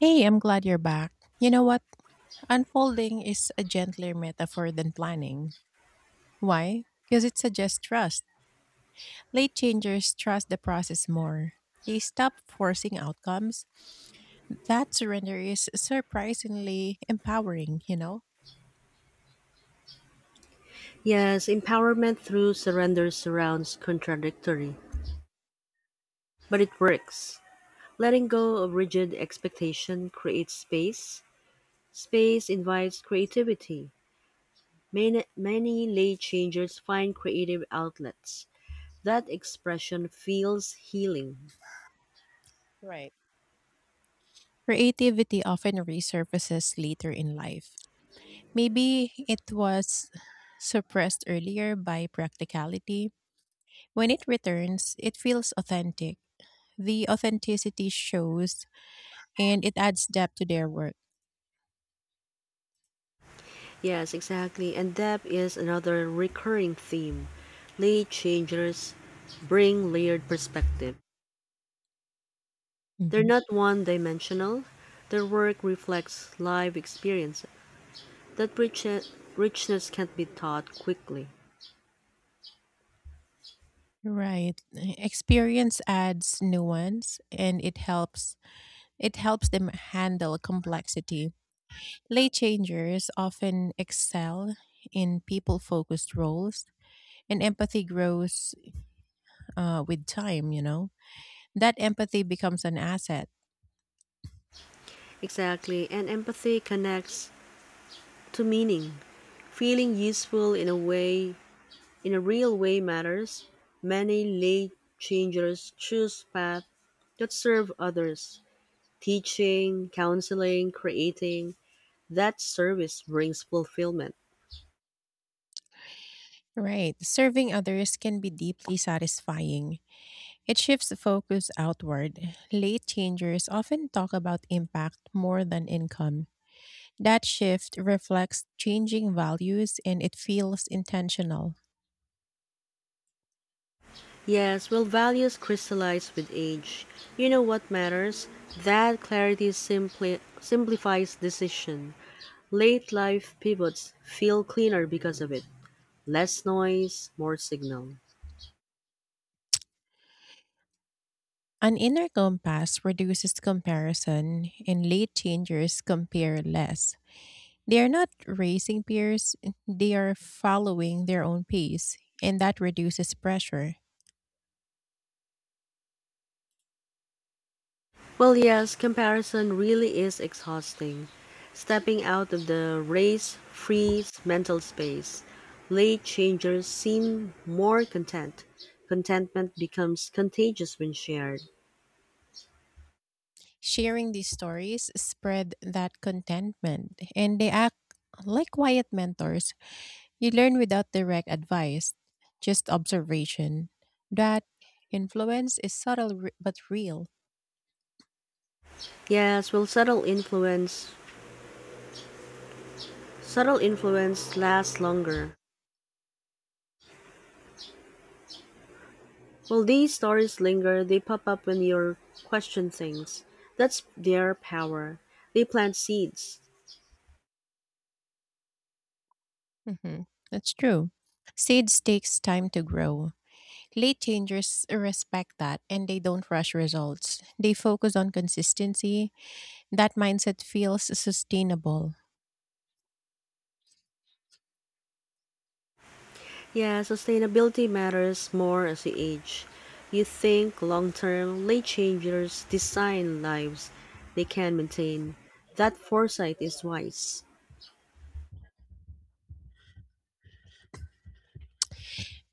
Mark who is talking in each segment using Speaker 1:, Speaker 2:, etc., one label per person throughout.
Speaker 1: Hey, I'm glad you're back. You know what? Unfolding is a gentler metaphor than planning. Why? Because it suggests trust. Late changers trust the process more. They stop forcing outcomes. That surrender is surprisingly empowering, you know?
Speaker 2: Yes, empowerment through surrender surrounds contradictory, but it works. Letting go of rigid expectation creates space. Space invites creativity. Many, many lay changers find creative outlets. That expression feels healing.
Speaker 1: Right. Creativity often resurfaces later in life. Maybe it was suppressed earlier by practicality. When it returns, it feels authentic. The authenticity shows and it adds depth to their work.
Speaker 2: Yes, exactly. And depth is another recurring theme. Lay changers bring layered perspective. They're
Speaker 1: Hmm.
Speaker 2: not one dimensional, their work reflects live experiences. That riche- Richness can't be taught quickly.
Speaker 1: Right. Experience adds nuance and it helps them handle complexity. Lay changers often excel in people-focused roles and empathy grows with time, you know. That empathy becomes an asset.
Speaker 2: Exactly, and empathy connects to meaning. Feeling useful in a way, in a real way matters. Many late changers choose paths that serve others. Teaching, counseling, creating, that service brings fulfillment.
Speaker 1: Right. Serving others can be deeply satisfying. It shifts the focus outward. Late changers often talk about impact more than income. That shift reflects changing values and it feels intentional.
Speaker 2: Yes, values crystallize with age. You know what matters? That clarity simply simplifies decision. Late life pivots feel cleaner because of it. Less noise, more signal.
Speaker 1: An inner compass reduces comparison, and late changers compare less. They are not racing peers, they are following their own pace, and that reduces pressure.
Speaker 2: Yes, comparison really is exhausting. Stepping out of the race frees mental space. Late changers seem more content. Contentment becomes contagious when shared.
Speaker 1: Sharing these stories spread that contentment, and they act like quiet mentors. You learn without direct advice, just observation. That influence is subtle but real.
Speaker 2: Yes, subtle influence. Subtle influence lasts longer. While these stories linger, they pop up when you question things. That's their power. They plant seeds.
Speaker 1: Hmm. That's true. Seeds takes time to grow. Late changers respect that and they don't rush results. They focus on consistency. That mindset feels sustainable.
Speaker 2: Yeah, sustainability matters more as you age. You think long term, late changers design lives they can maintain. That foresight is wise.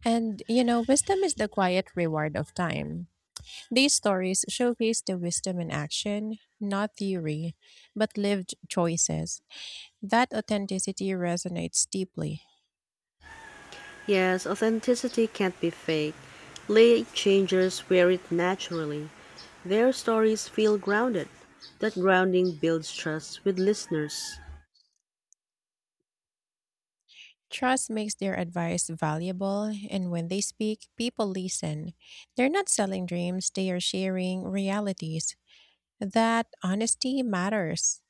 Speaker 1: And you know, wisdom is the quiet reward of time. These stories showcase the wisdom in action, not theory, but lived choices. That authenticity resonates deeply.
Speaker 2: Yes, authenticity can't be fake. Late changers wear it naturally. Their stories feel grounded. That grounding builds trust with listeners.
Speaker 1: Trust makes their advice valuable, and when they speak, people listen. They're not selling dreams, they are sharing realities. That honesty matters.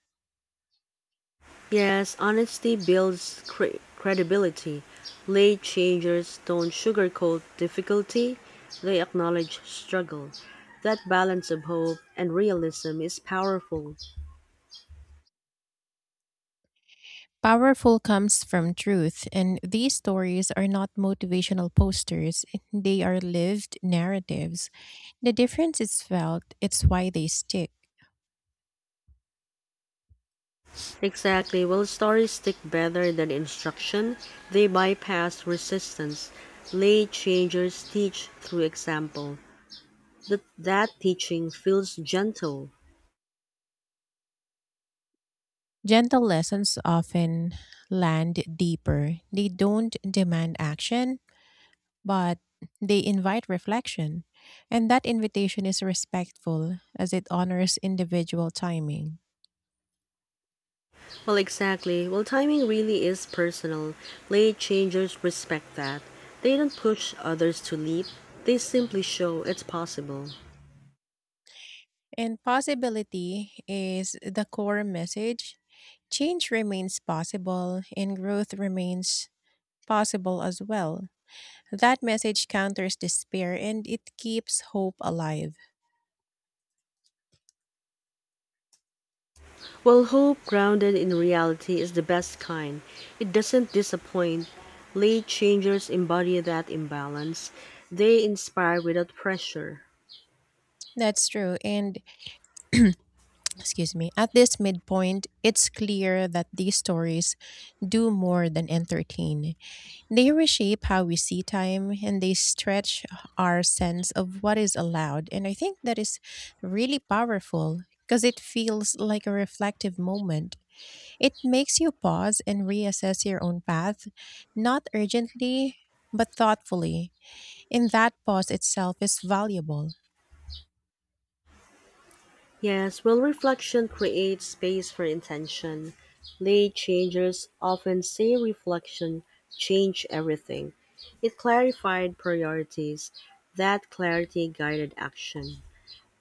Speaker 2: Yes, honesty builds credibility. Late changers don't sugarcoat difficulty, they acknowledge struggle. That balance of hope and realism is powerful.
Speaker 1: Powerful comes from truth, and these stories are not motivational posters, they are lived narratives. The difference is felt, it's why they stick.
Speaker 2: Exactly, will stories stick better than instruction? They bypass resistance. Late changers teach through example. That teaching feels gentle.
Speaker 1: Gentle lessons often land deeper. They don't demand action, but they invite reflection, and that invitation is respectful as it honors individual timing.
Speaker 2: Well, exactly. Timing really is personal. Late changers respect that. They don't push others to leap, they simply show it's possible.
Speaker 1: And possibility is the core message. Change remains possible, and growth remains possible as well. That message counters despair and it keeps hope alive.
Speaker 2: Well, hope grounded in reality is the best kind. It doesn't disappoint. Late changers embody that imbalance. They inspire without pressure.
Speaker 1: That's true. And excuse me, at this midpoint, it's clear that these stories do more than entertain. They reshape how we see time and they stretch our sense of what is allowed. And I think that is really powerful because it feels like a reflective moment. It makes you pause and reassess your own path, not urgently, but thoughtfully. And that pause itself is valuable.
Speaker 2: Yes, reflection creates space for intention. Late changers often say reflection changed everything. It clarified priorities. That clarity guided action.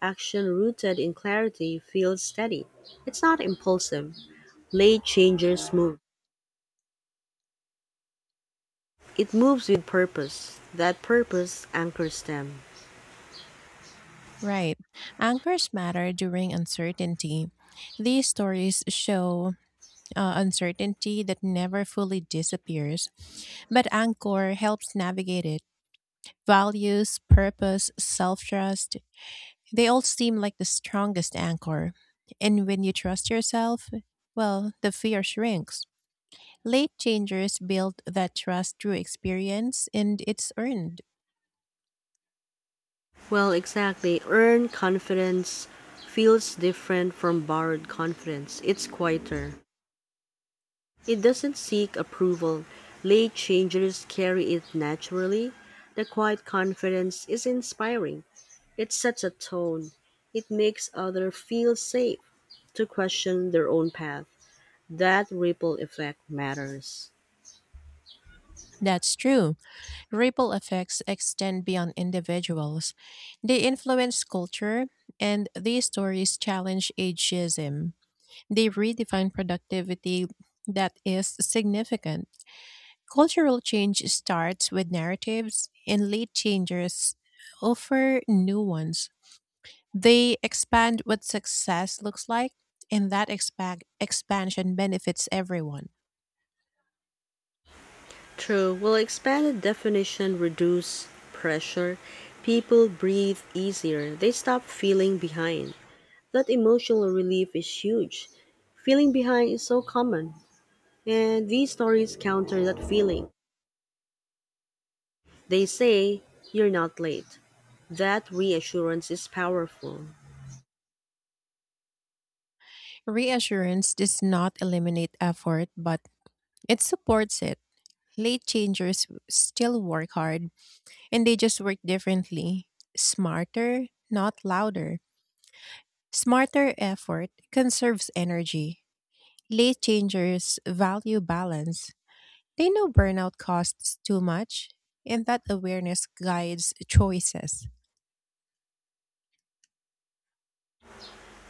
Speaker 2: Action rooted in clarity feels steady. It's not impulsive. Late changers move. It moves with purpose. That purpose anchors them.
Speaker 1: Right. Anchors matter during uncertainty. These stories show uncertainty that never fully disappears, but Angkor helps navigate it. Values, purpose, self trust, they all seem like the strongest anchor. And when you trust yourself, well, the fear shrinks. Late changers build that trust through experience and it's earned.
Speaker 2: Well, exactly. Earned confidence feels different from borrowed confidence. It's quieter. It doesn't seek approval. Late changers carry it naturally. The quiet confidence is inspiring. It sets a tone. It makes others feel safe to question their own path. That ripple effect matters.
Speaker 1: That's true. Ripple effects extend beyond individuals. They influence culture, and these stories challenge ageism. They've redefined productivity, that is significant. Cultural change starts with narratives, and late changers offer new ones. They expand what success looks like, and that expansion benefits everyone.
Speaker 2: True. Will expanded definition reduce pressure? People breathe easier. They stop feeling behind. That emotional relief is huge. Feeling behind is so common, and these stories counter that feeling. They say, you're not late. That reassurance is powerful.
Speaker 1: Reassurance does not eliminate effort, but it supports it. Late changers still work hard, and they just work differently, smarter, not louder. Smarter effort conserves energy. Late changers value balance. They know burnout costs too much, and that awareness guides choices.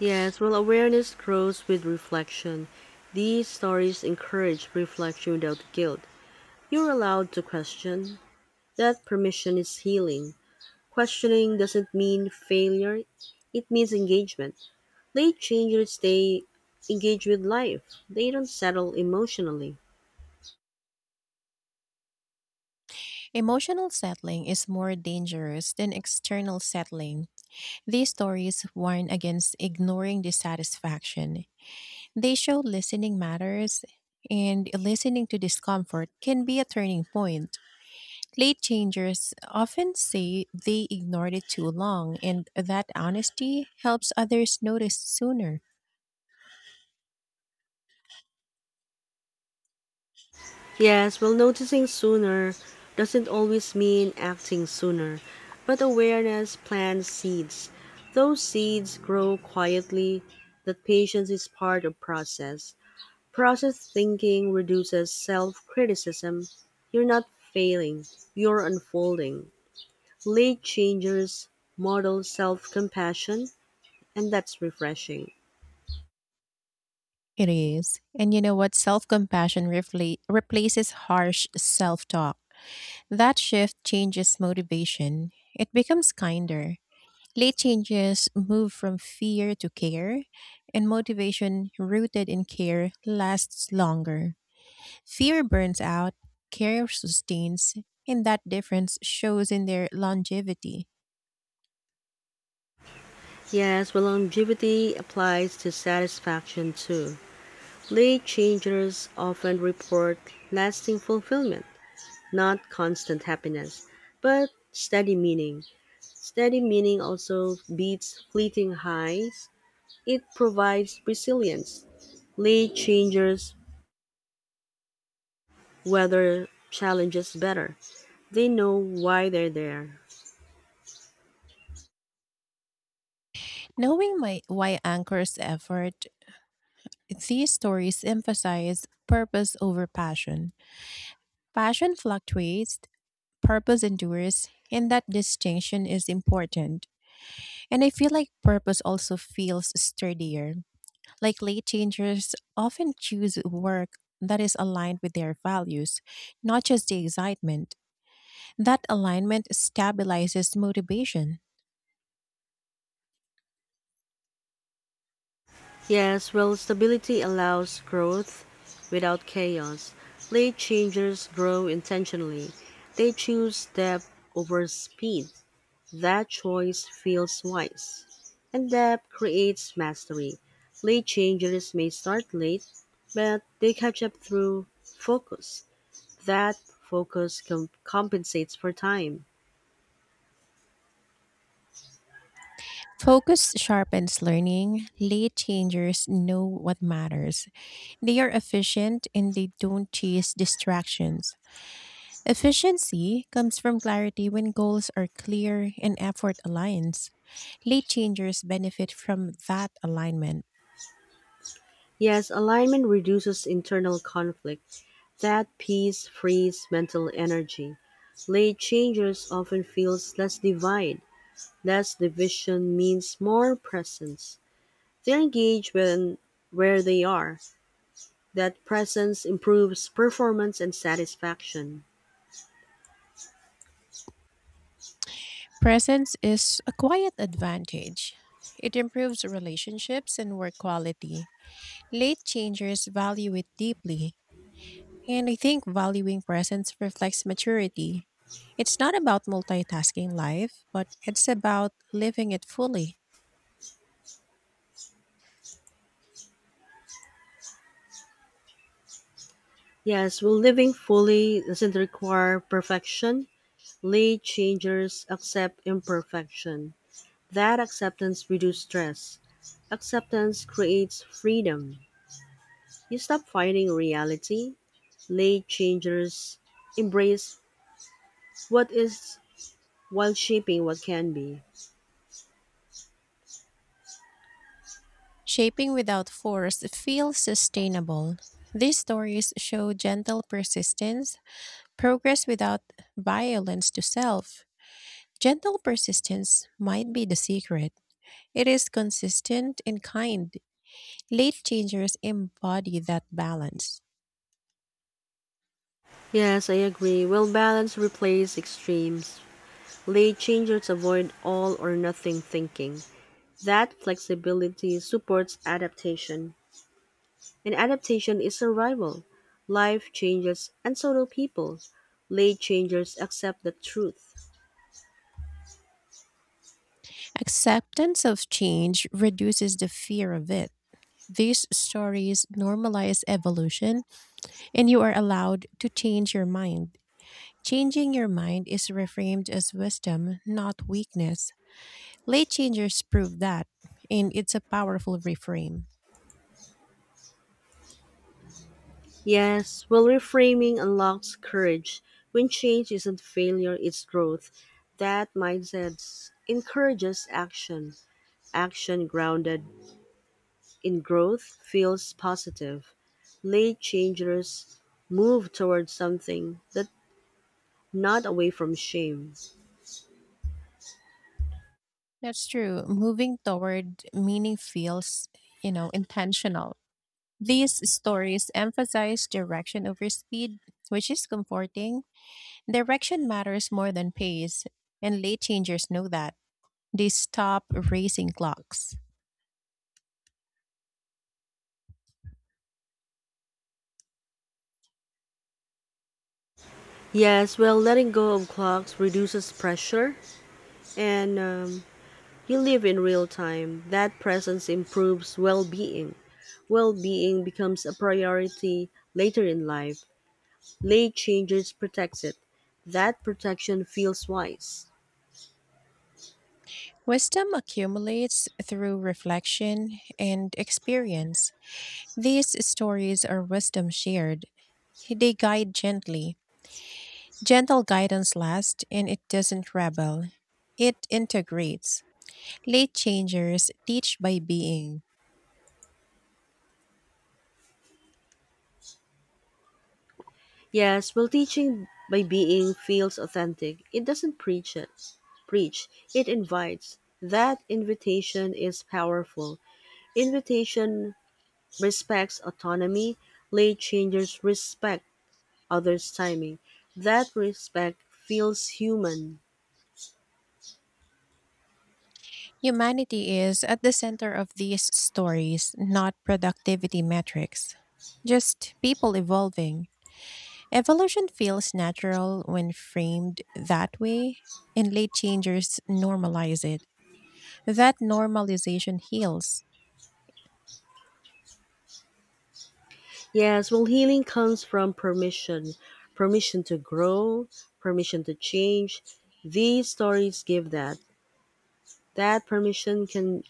Speaker 2: Yes, awareness grows with reflection. These stories encourage reflection without guilt. You're allowed to question. That permission is healing. Questioning doesn't mean failure, it means engagement. Late changers stay engaged with life, they don't settle emotionally.
Speaker 1: Emotional settling is more dangerous than external settling. These stories warn against ignoring dissatisfaction. They show listening matters, and listening to discomfort can be a turning point. Late changers often say they ignored it too long, and that honesty helps others notice sooner.
Speaker 2: Yes, noticing sooner doesn't always mean acting sooner, but awareness plants seeds. Those seeds grow quietly. That patience is part of process. Process thinking reduces self-criticism. You're not failing, you're unfolding. Late changers model self-compassion, and that's refreshing.
Speaker 1: It is. And you know what? Self compassion replaces harsh self talk. That shift changes motivation, it becomes kinder. Late changes move from fear to care, and motivation rooted in care lasts longer. Fear burns out, care sustains, and that difference shows in their longevity.
Speaker 2: Yes, longevity applies to satisfaction too. Late changers often report lasting fulfillment, not constant happiness, but steady meaning. Steady meaning also beats fleeting highs. It provides resilience. Late changers weather challenges better. They know why they're there.
Speaker 1: Knowing my why anchors effort, these stories emphasize purpose over passion. Passion fluctuates, purpose endures, and that distinction is important. And I feel like purpose also feels sturdier. Like late changers often choose work that is aligned with their values, not just the excitement. That alignment stabilizes motivation.
Speaker 2: Yes, stability allows growth without chaos. Late changers grow intentionally. They choose depth over speed. That choice feels wise. And depth creates mastery. Late changers may start late, but they catch up through focus. Compensates for time.
Speaker 1: Focus sharpens learning. Late changers know what matters. They are efficient and they don't chase distractions. Efficiency comes from clarity when goals are clear and effort aligns. Late changers benefit from that alignment.
Speaker 2: Yes, alignment reduces internal conflict. That peace frees mental energy. Late changers often feels less divide. Less division means more presence. They're engaged when where they are. That presence improves performance and satisfaction.
Speaker 1: Presence is a quiet advantage. It improves relationships and work quality. Late changers value it deeply, and I think valuing presence reflects maturity. It's not about multitasking life, but it's about living it fully.
Speaker 2: Yes, living fully doesn't require perfection. Late changers accept imperfection. That acceptance reduces stress. Acceptance creates freedom. You stop fighting reality. Late changers embrace what is while shaping what can be.
Speaker 1: Shaping without force feels sustainable. These stories show gentle persistence, progress without violence to self. Gentle persistence might be the secret. It is consistent and kind. Late changers embody that balance.
Speaker 2: Yes, I agree. Balance replaces extremes. Late changers avoid all or nothing thinking. That flexibility supports adaptation, and adaptation is survival. Life changes, and so do people. Late changers accept the truth.
Speaker 1: Acceptance of change reduces the fear of it. These stories normalize evolution, and you are allowed to change your mind. Changing your mind is reframed as wisdom, not weakness. Late changers prove that, and it's a powerful reframe.
Speaker 2: Yes, reframing unlocks courage. When change isn't failure, it's growth. That mindset encourages action, action grounded in growth feels positive, late changers move towards something that not away from shame.
Speaker 1: That's true. Moving toward meaning feels, you know, intentional. These stories emphasize direction over speed, which is comforting. Direction matters more than pace, and late changers know that. They stop racing clocks.
Speaker 2: Yes, letting go of clocks reduces pressure, and you live in real time. That presence improves well being. Well being becomes a priority later in life. Late changes protects it. That protection feels wise.
Speaker 1: Wisdom accumulates through reflection and experience. These stories are wisdom shared. They guide gently. Gentle guidance lasts, and it doesn't rebel. It integrates. Late changers teach by being.
Speaker 2: Yes, teaching by being feels authentic. It doesn't preach it. Preach. It invites. That invitation is powerful. Invitation respects autonomy. Late changers respect others' timing. That respect feels human.
Speaker 1: Humanity is at the center of these stories, not productivity metrics. Just people evolving. Evolution feels natural when framed that way, and late changers normalize it. That normalization heals.
Speaker 2: Yes, healing comes from permission. Permission to grow, permission to change. These stories give that. That permission can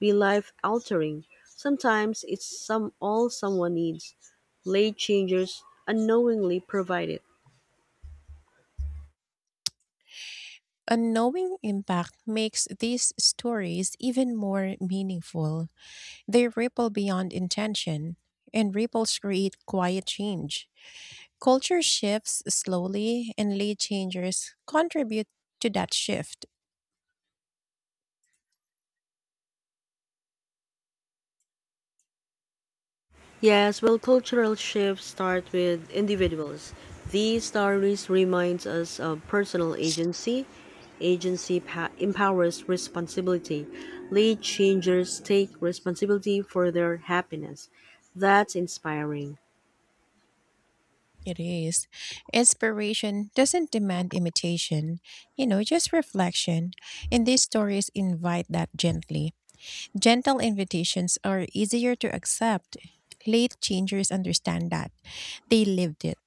Speaker 2: be life altering. Sometimes it's some all someone needs. Late changers unknowingly provide it.
Speaker 1: Unknowing impact makes these stories even more meaningful. They ripple beyond intention, and ripples create quiet change. Culture shifts slowly, and late changers contribute to that shift.
Speaker 2: Yes, cultural shifts start with individuals. These stories reminds us of personal agency. Empowers responsibility. Lead changers take responsibility for their happiness. That's inspiring.
Speaker 1: It is. Inspiration doesn't demand imitation, you know, just reflection. And these stories invite that gently. Gentle invitations are easier to accept. Late changers understand that. They lived it.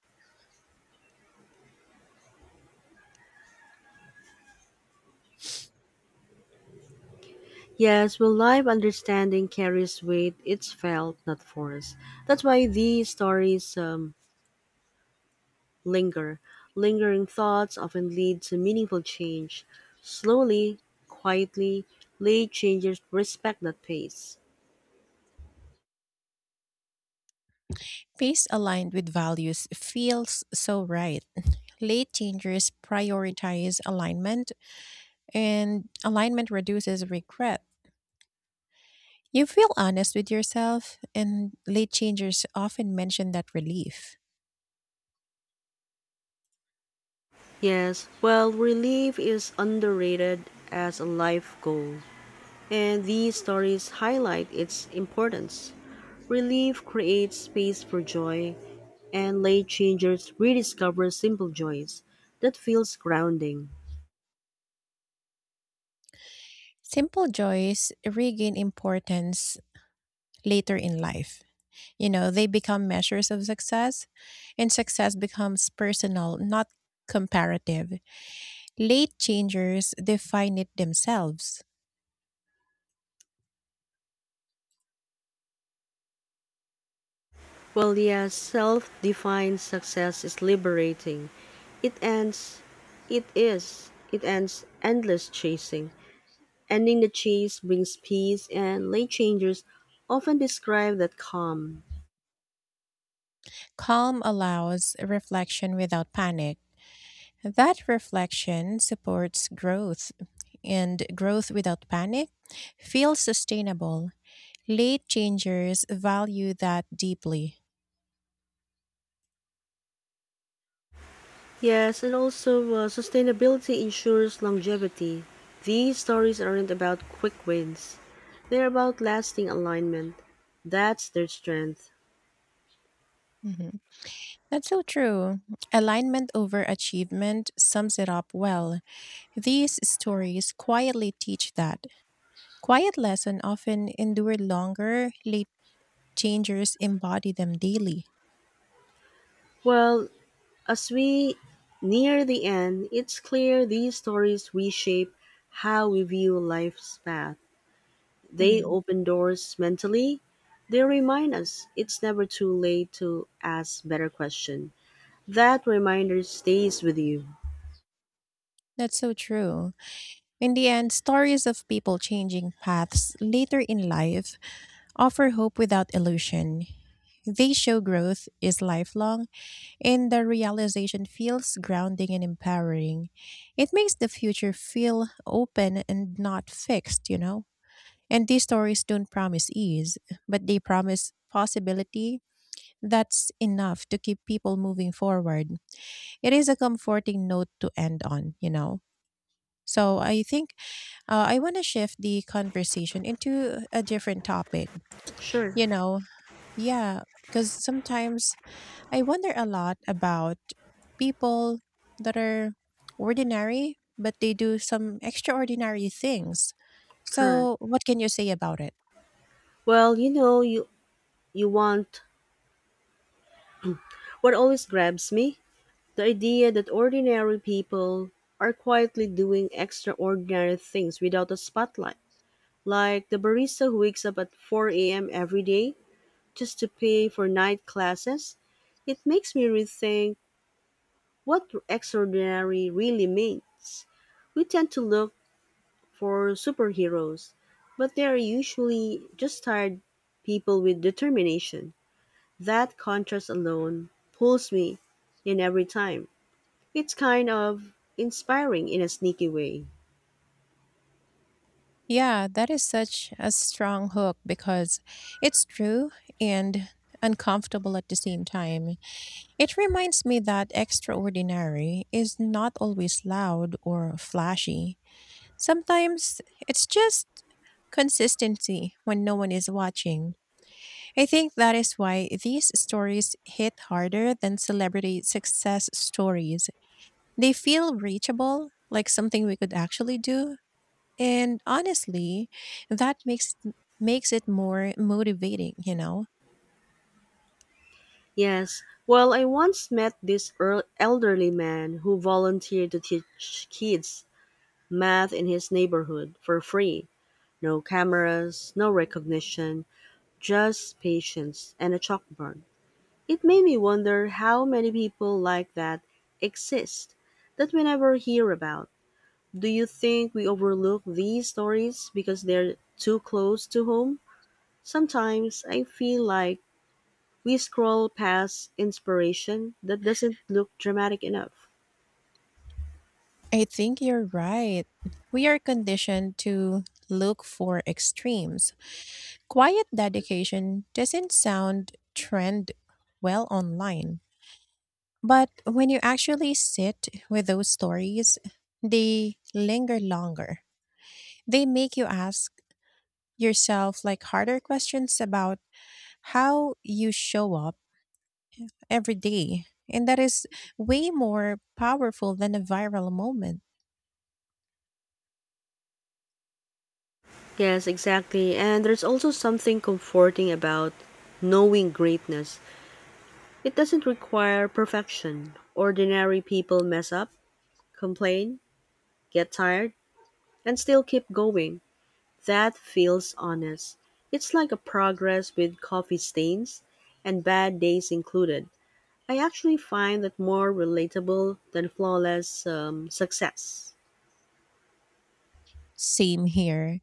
Speaker 2: Yes, live understanding carries weight. It's felt, not forced. That's why these stories linger. Lingering thoughts often lead to meaningful change. Slowly, quietly, late changes respect that pace.
Speaker 1: Pace aligned with values feels so right. Late changers prioritize alignment, and alignment reduces regret. You feel honest with yourself, and late changers often mention that relief.
Speaker 2: Yes, relief is underrated as a life goal, and these stories highlight its importance. Relief creates space for joy, and late changers rediscover simple joys that feels grounding.
Speaker 1: Simple joys regain importance later in life. You know, they become measures of success, and success becomes personal, not comparative. Late changers define it themselves.
Speaker 2: While yes, self-defined success is liberating, it ends. It is. It ends endless chasing. Ending the chase brings peace, and late changers often describe that calm.
Speaker 1: Calm allows reflection without panic. That reflection supports growth, and growth without panic feels sustainable. Late changers value that deeply.
Speaker 2: Yes, and also sustainability ensures longevity. These stories aren't about quick wins, they're about lasting alignment. That's their strength.
Speaker 1: Mhm. That's so true. Alignment over achievement sums it up well. These stories quietly teach that. Quiet lessons often endure longer. Late changers embody them daily.
Speaker 2: Well, as we near the end, it's clear these stories reshape how we view life's path. They
Speaker 1: Mhm.
Speaker 2: open doors mentally, they remind us it's never too late to ask better questions. That reminder stays with you.
Speaker 1: That's so true. In the end, stories of people changing paths later in life offer hope without illusion. They show growth is lifelong, and the realization feels grounding and empowering. It makes the future feel open and not fixed, you know? And these stories don't promise ease, but they promise possibility, that's enough to keep people moving forward. It is a comforting note to end on, you know? So I think I want to shift the conversation into a different topic,
Speaker 2: Sure,
Speaker 1: you know? Yeah, because sometimes I wonder a lot about people that are ordinary, but they do some extraordinary things.
Speaker 2: correct.
Speaker 1: So, what can you say about it?
Speaker 2: Well, you want. What always grabs me? The idea that ordinary people are quietly doing extraordinary things without a spotlight. Like the barista who wakes up at 4 a.m. every day just to pay for night classes. It makes me rethink what extraordinary really means. We tend to look for superheroes, but they are usually just tired people with determination. That contrast alone pulls me in every time. It's kind of inspiring in a sneaky way.
Speaker 1: Yeah, that is such a strong hook because it's true and uncomfortable at the same time. It reminds me that extraordinary is not always loud or flashy. Sometimes it's just consistency when no one is watching. I think that is why these stories hit harder than celebrity success stories. They feel reachable, like something we could actually do, and honestly, that makes it more motivating, you know.
Speaker 2: Yes, I once met this earl elderly man who volunteered to teach kids math in his neighborhood for free. No cameras, no recognition, just patience and a chalkboard. It made me wonder how many people like that exist that we never hear about. Do you think we overlook these stories because they're too close to home? Sometimes I feel like we scroll past inspiration that doesn't look dramatic enough.
Speaker 1: I think you're right. We are conditioned to look for extremes. Quiet dedication doesn't sound trend well online. But when you actually sit with those stories, they linger longer. They make you ask yourself like harder questions about how you show up every day. And that is way more powerful than a viral moment.
Speaker 2: Yes, exactly. And there's also something comforting about knowing greatness. It doesn't require perfection. Ordinary people mess up, complain, get tired, and still keep going. That feels honest. It's like a progress with coffee stains and bad days included. I actually find that more relatable than flawless success.
Speaker 1: Same here.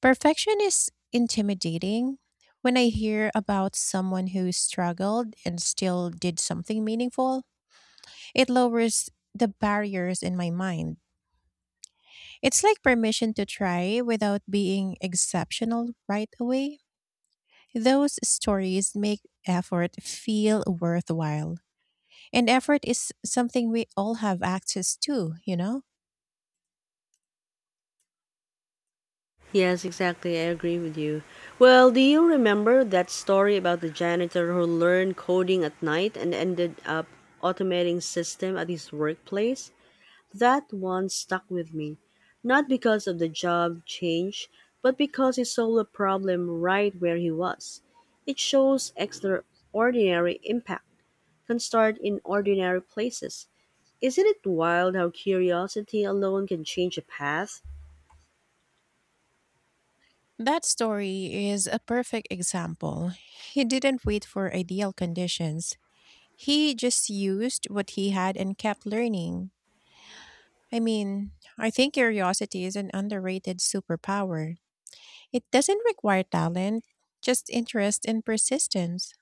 Speaker 1: Perfection is intimidating. When I hear about someone who struggled and still did something meaningful, it lowers the barriers in my mind. It's like permission to try without being exceptional right away. Those stories make effort feel worthwhile. And effort is something we all have access to, you know?
Speaker 2: Yes, exactly. I agree with you. Well, do you remember that story about the janitor who learned coding at night and ended up automating system at his workplace? That one stuck with me, not because of the job change, but because he solved a problem right where he was. It shows extraordinary impact can start in ordinary places. Isn't it wild how curiosity alone can change a path?
Speaker 1: That story is a perfect example. He didn't wait for ideal conditions. He just used what he had and kept learning. I mean, I think curiosity is an underrated superpower. It doesn't require talent, just interest and persistence.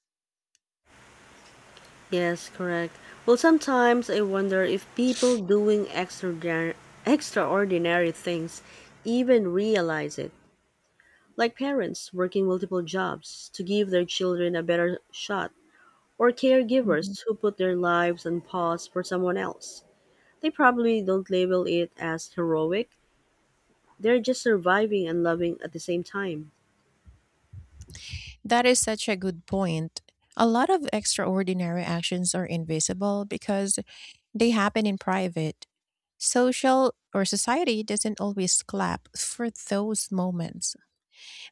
Speaker 2: Yes, correct. Well, sometimes I wonder if people doing extraordinary things even realize it, like parents working multiple jobs to give their children a better shot, or
Speaker 1: Mhm.
Speaker 2: caregivers who put their lives on pause for someone else. They probably don't label it as heroic, they're just surviving and loving at the same time.
Speaker 1: That is such a good point. A lot of extraordinary actions are invisible because they happen in private. Social or society doesn't always clap for those moments.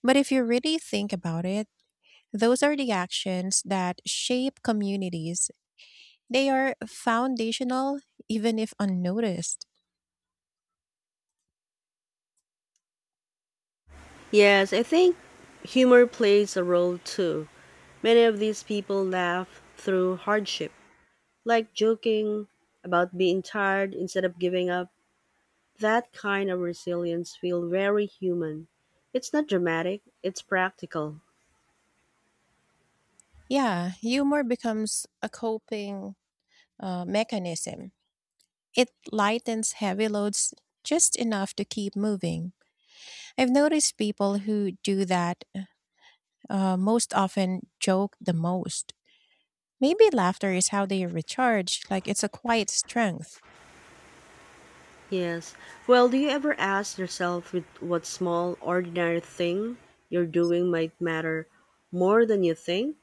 Speaker 1: But if you really think about it, those are the actions that shape communities. They are foundational, even if unnoticed.
Speaker 2: Yes, I think humor plays a role too. Many of these people laugh through hardship, like joking about being tired instead of giving up. That kind of resilience feels very human. It's not dramatic, it's practical.
Speaker 1: Yeah, humor becomes a coping mechanism. It lightens heavy loads just enough to keep moving. I've noticed people who do that most often joke the most. Maybe laughter is how they recharge, like it's a quiet strength.
Speaker 2: Yes. Well, do you ever ask yourself with what small, ordinary thing you're doing might matter more than you think?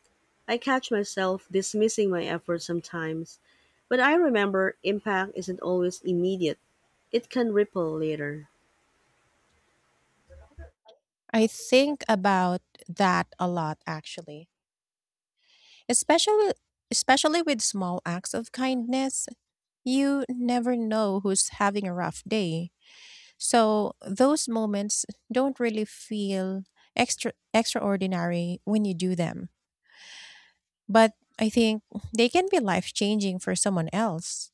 Speaker 2: I catch myself dismissing my efforts sometimes, but I remember impact isn't always immediate. It can ripple later.
Speaker 1: I think about that a lot actually. Especially especially with small acts of kindness, you never know who's having a rough day. So those moments don't really feel extraordinary when you do them. But I think they can be life-changing for someone else.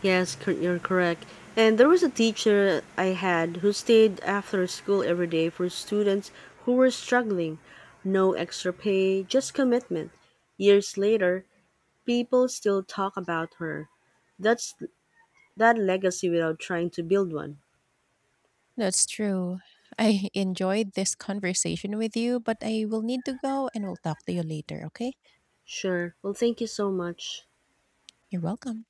Speaker 2: You're correct. And there was a teacher I had who stayed after school every day for students who were struggling. No extra pay, just commitment. Years later, people still talk about her. That's that legacy without trying to build one.
Speaker 1: That's true. I enjoyed this conversation with you, but I will need to go and we'll talk to you later, okay?
Speaker 2: Sure. Well, thank you so much.
Speaker 1: You're welcome.